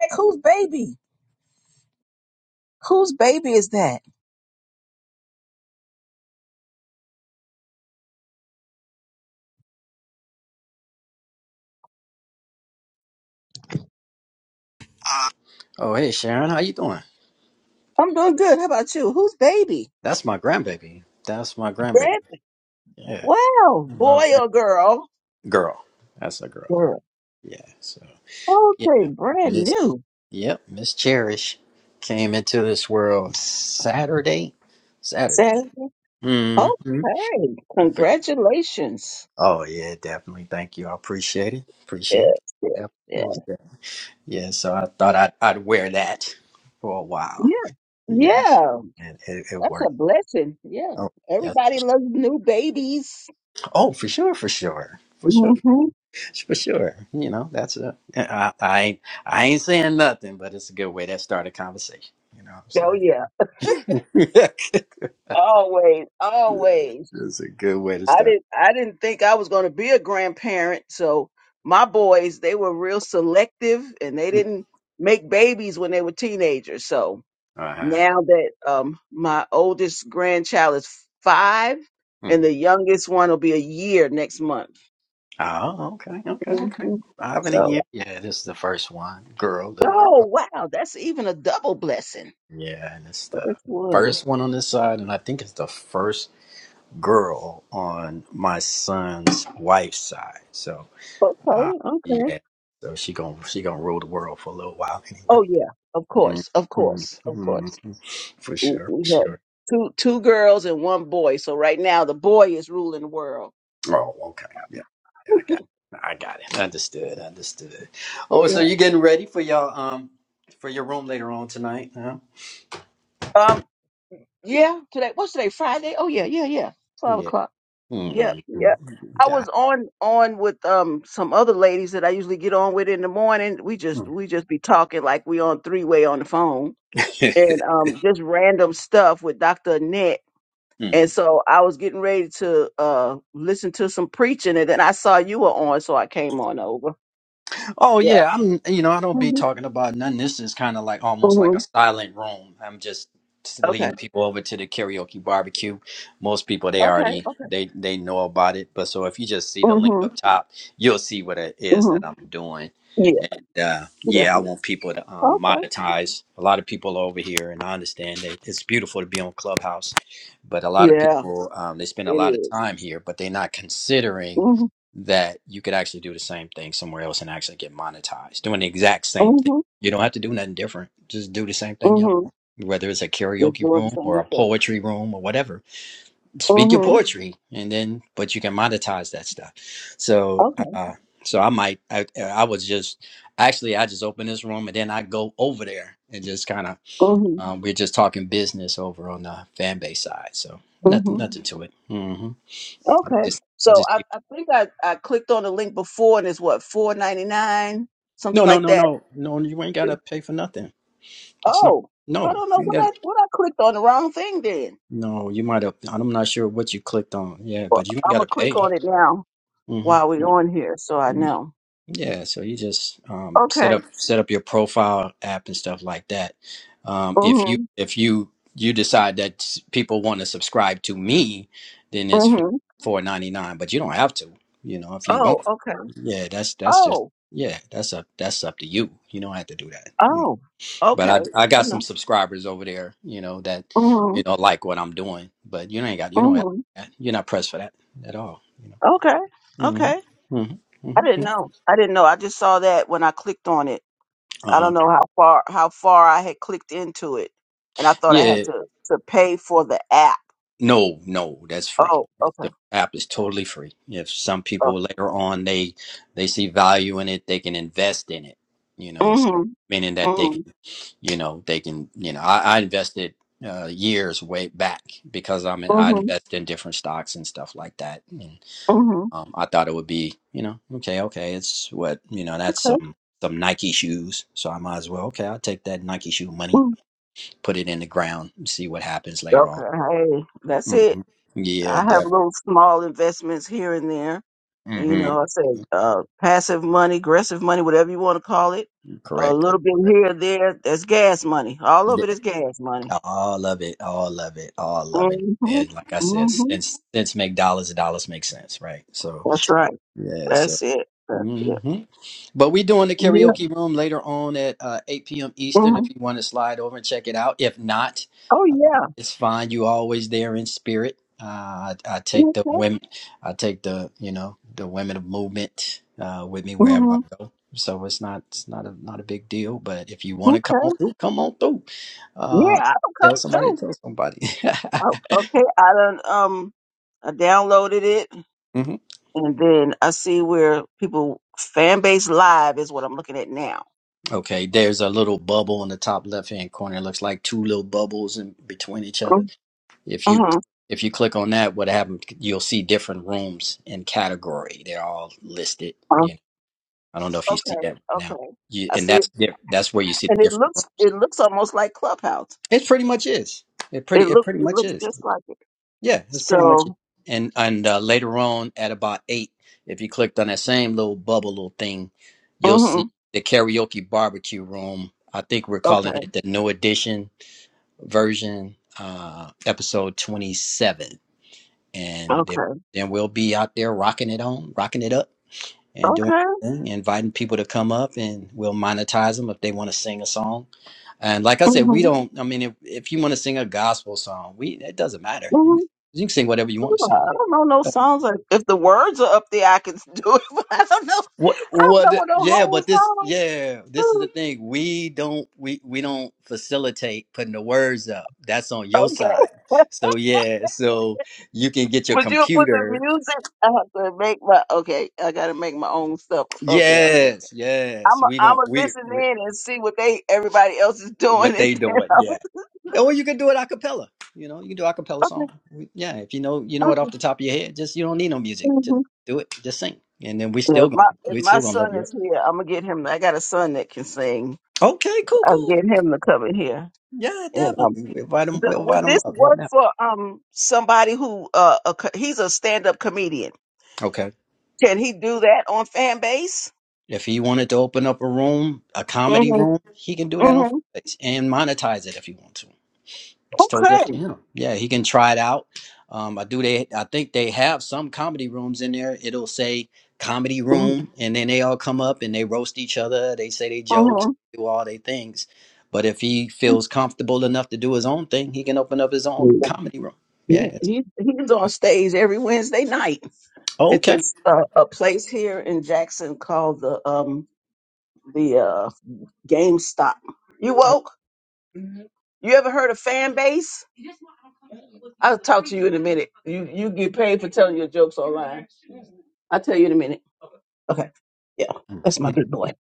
Like, whose baby? Whose baby is that? Oh, hey Sharon, how you doing? I'm doing good. How about you? Whose baby? That's my grandbaby. That's my grandbaby. Brand Yeah, Wow, my boy grand or girl? girl. That's a girl. Girl. Yeah. So yeah, Okay, brand Miss. new. Yep, Miss Cherish came into this world Saturday. Saturday. Saturday. hmm Okay, congratulations. Oh yeah, definitely. Thank you. I appreciate it. Appreciate it. Yes, yes, Yep. yes. Most definitely. Yeah. So I thought I'd I'd wear that for a while. Yeah, Yeah, yeah. and it, it That's worked. a blessing. Yeah. Oh yes. Everybody loves new babies. Oh, for sure. For sure. For sure. hmm for sure. You know, that's a I I ain't ain't saying nothing, but it's a good way to start a conversation. You know what Oh yeah. I'm saying? Always, always. it's a good way to I start. didn't I didn't think I was going to be a grandparent, so my boys they were real selective and they Mm-hmm. didn't make babies when they were teenagers. So Uh-huh. now that um my oldest grandchild is 5 Hmm. and the youngest one will be a year next month. Oh, okay, okay, okay. hmm I haven't a So year. Yeah, this is the first one. Girl, little oh girl. wow, that's even a double blessing. Yeah, and it's the First one. first one on this side, and I think it's the first girl on my son's wife's side. So, uh, Okay, okay. yeah. So she gonna she gonna rule the world for a little while anyway. Oh yeah, of Mhm. course, of course, of course. Mhm. For w- sure, we for had sure. two two girls and one boy. So right now the boy is ruling the world. Oh, okay. Yeah, yeah, I got it. I got it. Understood, understood. Oh, so Yeah. you getting ready for your um for your room later on tonight, huh? Um. Yeah. Today. What's today? Friday. Oh yeah. Yeah. Yeah. Five Yeah. o'clock. Yep. Mhm. Yep. I was Got on on with um some other ladies that I usually get on with in the morning. We just we just be talking like we on three way on the phone it. and um just random stuff with Dr. Annette. Mm. And so I was getting ready to uh listen to some preaching and then I saw you were on so I came on over. Oh Yeah. yeah, I'm. You know, I don't be hmm talking about nothing. This is kind of like almost hmm like a silent room. I'm just Okay. leading people over to the karaoke barbecue. Most people they Okay, already okay. they they know about it. But so if you just see the link Mhm. up top, you'll see what it is Mhm. that I'm doing. Yeah. And uh, Yeah. yeah, I want people to um, Okay. monetize. A lot of people are over here, and I understand that it's beautiful to be on Clubhouse, but a lot of Yeah, people um, they spend a it lot of is. time here, but they're not considering Mhm. that you could actually do the same thing somewhere else and actually get monetized doing the exact same thing. Mhm. You don't have to do nothing different. Just do the same thing y'all Mhm. want. Whether it's a Just karaoke doing the room or same a thing. poetry room or whatever, speak your Mhm. poetry, and then but you can monetize that stuff. So, Okay. uh, so I might, I, I was just actually I just opened this room and then I go over there and just kind of Mhm. um, we're just talking business over on the fan base side. So nothing, Mhm. nothing to it. hmm Okay. Just I So just I, I think I, I clicked on the link before and it's what four ninety nine No, something no, like no, that. no, no. You ain't gotta pay for nothing. It's not. Oh, I No, don't know you ain't what got. I what I clicked on the wrong thing then. No, you might have. I'm not sure what you clicked on. Yeah, Well, but you ain't I'm gotta gonna click pay. on it now hmm while we're on here so I know. Yeah, so you just um, set Okay. up set up your profile app and stuff like that. Um, if you Mhm. if you you decide that s- people want to subscribe to me, then it's Mhm. four ninety nine. But you don't have to. You know, if you Oh, want. okay. Yeah, that's that's just Oh. yeah. That's up that's up to you. You don't have to do that. Oh, okay. But I I I got some know. subscribers over there, you know, that hmm you know like what I'm doing. But you ain't got you know hmm you're not pressed for that at all, you Okay. know. Okay. hmm hmm I hmm didn't know. I didn't know. I just saw that when I clicked on it. I Uh-huh. don't know how far how far I had clicked into it, and I thought I had Yeah. to to pay for the app. No, no, that's free. Oh, okay. The app is totally free. If some people Okay. later on they they see value in it, they can invest in it. You know, so hmm meaning that they can, hmm you know, they can, you know, I, I invested uh, years way back because I'm in, I hmm invest in different stocks and stuff like that. hmm Um, I thought it would be, you know, okay, okay, it's what, you know, that's Okay. some some Nike shoes, so I might as well, okay, I'll take that Nike shoe money, Mm. put it in the ground, and see what happens later Okay. on. Hey, that's it. hmm I Yeah, have definitely. little small investments here and there. You hmm know, I said uh, passive money, aggressive money, whatever you want to call it. A Correct. little bit correct. here, or there. That's gas money. All of Yeah. it is gas money. All of it, all of it, all of it. Mm-hmm. And like I said, Mm-hmm. since since make dollars, dollars make sense, right? So That's right. yeah, so. That's it. That's it. mm-hmm. But we doing the Yeah. karaoke room later on at uh, 8 p.m. Eastern. hmm If you want to slide over and check it out, if not, Oh um, yeah. it's fine. You always there in spirit. Uh, I, I take the Okay. women. I take the you know the women of movement uh, with me wherever I hmm go. So it's not it's not a not a big deal. But if you want to come Okay. on through, come on through. Uh, Yeah, I will tell come somebody. through. Tell somebody. Oh, okay. I done um, I downloaded it, hmm and then I see where people fan base live is what I'm looking at now. Okay, there's a little bubble in the top left hand corner. It looks like two little bubbles in between each other Mm-hmm. If you mm-hmm. if you click on that, what happened? You'll see different rooms in category. They're all listed. You know, I don't know if you Okay. see that right now. Okay. You, I and see that's diff- that's where you see and the it different looks rooms. it looks almost like Clubhouse. It pretty much is. It pretty It it looks pretty it much looks is. just like it. Yeah, it's pretty much. It. So And and uh, later on at about eight, if you clicked on that same little bubble little thing, you'll see mhm, the karaoke barbecue room. I think we're okay, calling it the new edition version, uh, episode twenty seven and then okay, then we'll be out there rocking it on, rocking it up, and doing okay. our thing, inviting people to come up, and we'll monetize them if they want to sing a song. And like I said, we hmm don't. I mean, if, if you want to sing a gospel song, we it doesn't matter. You hmm can you can sing whatever you want to sing. I don't know no songs. Like, if the words are up there, I can do it. But I don't know. What? I don't know What? what the Yeah, whole but this. song. Yeah, this is the is. thing. We don't. We we don't facilitate putting the words up. That's on your side. Okay. So yeah. So you can get your But you put the computer. music. I have to make my okay. I gotta make my own stuff. Okay, okay. Yes, I'm yes. We i am i gonna gonna we, listen we in and see what they everybody else is doing, what and they then doing? Yeah. I'll, Or you can do it a cappella. You know, you can do a cappella okay, song. We- Yeah, if you know you know it okay. off the top of your head, just you don't need no music. mm-hmm. Just do it. Just sing, and then we Yeah, still if gonna my if we my still gonna son love you. Up. is here, I'm gonna get him. I got a son that can sing. Okay, cool, I'll cool. get him to come in here. Yeah, And um, definitely. We invite him. th- We invite would him this up right work now. for um somebody who uh a, co- he's a stand up comedian? Okay. Can he do that on fan base? If he wanted to open up a room, a comedy Mm-hmm. room, he can do that on Mm-hmm. Fridays and monetize it if he wants to. It's totally up Okay. to him. Yeah, he can try it out. Um, I do. They, I think they have some comedy rooms in there. It'll say comedy Mm-hmm. room, and then they all come up and they roast each other. They say they jokes, Mm-hmm. do all their things. But if he feels comfortable enough to do his own thing, he can open up his own comedy room. Yeah. He, It's, he he's on stage every Wednesday night at okay. this uh, a place here in Jackson called the um the uh GameStop. You woke? Mhm. You ever heard of fan base? I'll talk to you in a minute. You you get paid for telling your jokes online. I'll tell you in a minute. Okay. Yeah. That's my good boy.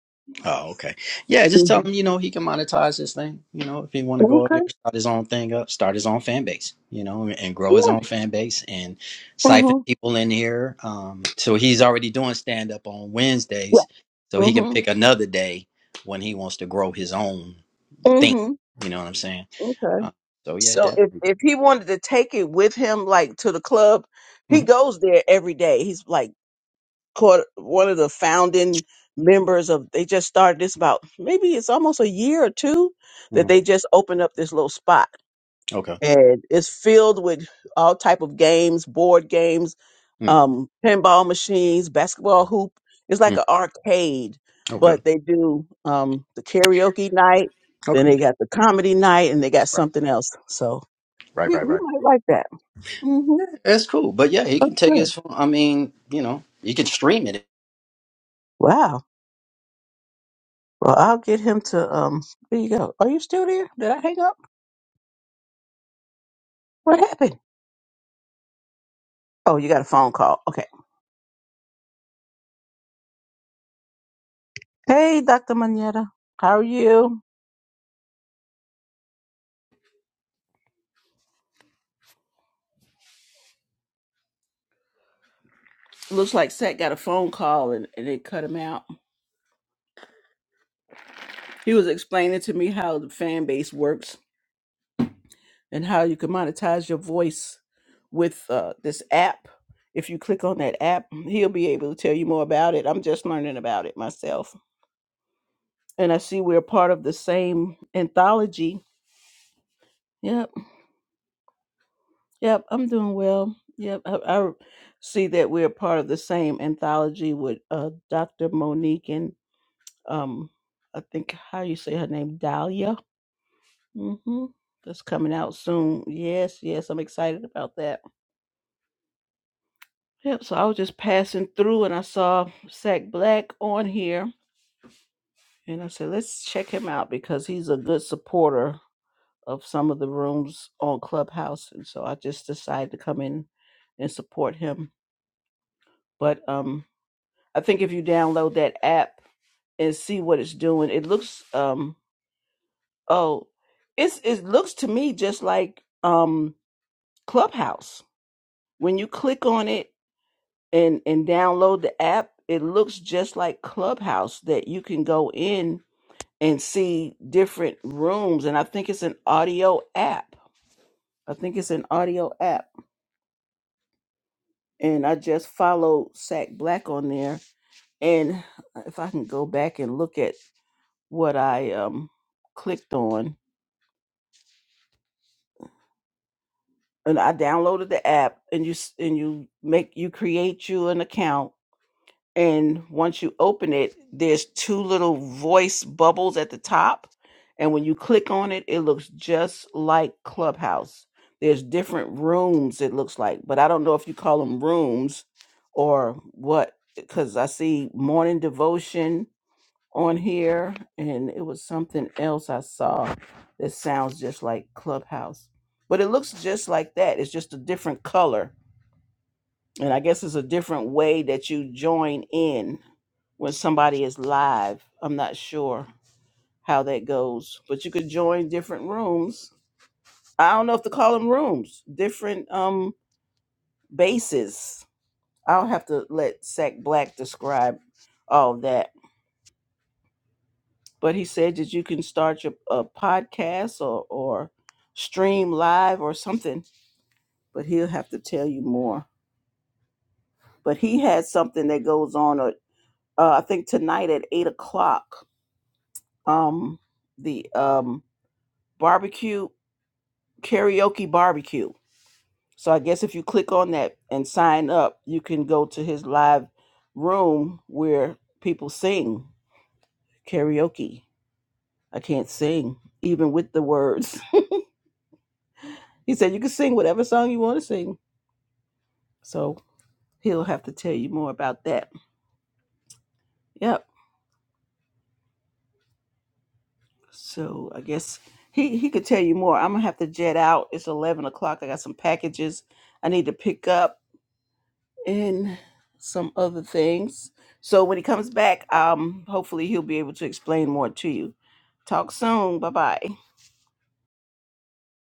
Oh, okay. Yeah, just tell hmm him, you know, he can monetize this thing. You know, if he want to go out there, Okay. start his own thing up, start his own fan base, you know, and grow his Yeah. own fan base and siphon hmm people in here. Um, so he's already doing stand up on Wednesdays, Yeah. so he can hmm pick another day when he wants to grow his own thing. hmm You know what I'm saying? Okay. Uh, so yeah, So if definitely. if he wanted to take it with him, like to the club, he Mhm, goes there every day. He's like caught one of the founding members of. They just started this about maybe it's almost a year or two that mhm. they just opened up this little spot Okay. and it's filled with all type of games, board games, Mm, um, pinball machines, basketball mm. hoop. It's like mm, an arcade, Okay. but they do um, the karaoke night. Then Okay. they got the comedy night, and they got something else. So he, he might like that. hmm That's cool. But yeah, he That's can take good. his phone. I mean, you know, he can stream it Wow. Well, I'll get him to. Um, there you go. Are you still there? Did I hang up? What happened? Oh, you got a phone call. Okay. Hey, Dr. Manetta. How are you? Looks like Seth got a phone call and, and they cut him out. He was explaining to me how the fan base works and how you can monetize your voice with uh, this app. If you click on that app, he'll be able to tell you more about it. I'm just learning about it myself. And I see we're part of the same anthology. Yep, yep, I'm doing well. Yep, I, I see that we're part of the same anthology with uh, Dr. Monique and um, I think how you say her name, Dahlia Mm-hmm. That's coming out soon. Yes, yes, I'm excited about that. Yep, so I was just passing through and I saw Sack Black on here. And I said, let's check him out because he's a good supporter of some of the rooms on Clubhouse. And so I just decided to come in and support him. But um I think if you download that app and see what it's doing, it looks um oh it's it looks to me just like um Clubhouse. When you click on it, and and download the app it looks just like clubhouse that you can go in and see different rooms and i think it's an audio app i think it's an audio app and i just followed sack black on there and if i can go back and look at what i um clicked on and i downloaded the app and you s- and you make you create you an account and once you open it there's two little voice bubbles at the top and when you click on it it looks just like clubhouse there's different rooms it looks like but i don't know if you call them rooms or what because i see morning devotion on here and it was something else i saw that sounds just like clubhouse but it looks just like that it's just a different color and I guess it's a different way that you join in when somebody is live. I'm not sure how that goes, but you could join different rooms. I don't know if to call them rooms, different um bases. I'll have to let Sack Black describe all that. But he said that you can start your a podcast or or stream live or something. But he'll have to tell you more. But he had something that goes on. Uh, uh, I think tonight at eight o'clock um the um barbecue karaoke barbecue. So I guess if you click on that and sign up, you can go to his live room where people sing karaoke. I can't sing even with the words. He said you can sing whatever song you want to sing. So he'll have to tell you more about that. Yep. So I guess he he could tell you more. I'm gonna have to jet out. It's eleven o'clock. I got some packages I need to pick up and some other things. So when he comes back, um, hopefully he'll be able to explain more to you. Talk soon. Bye bye.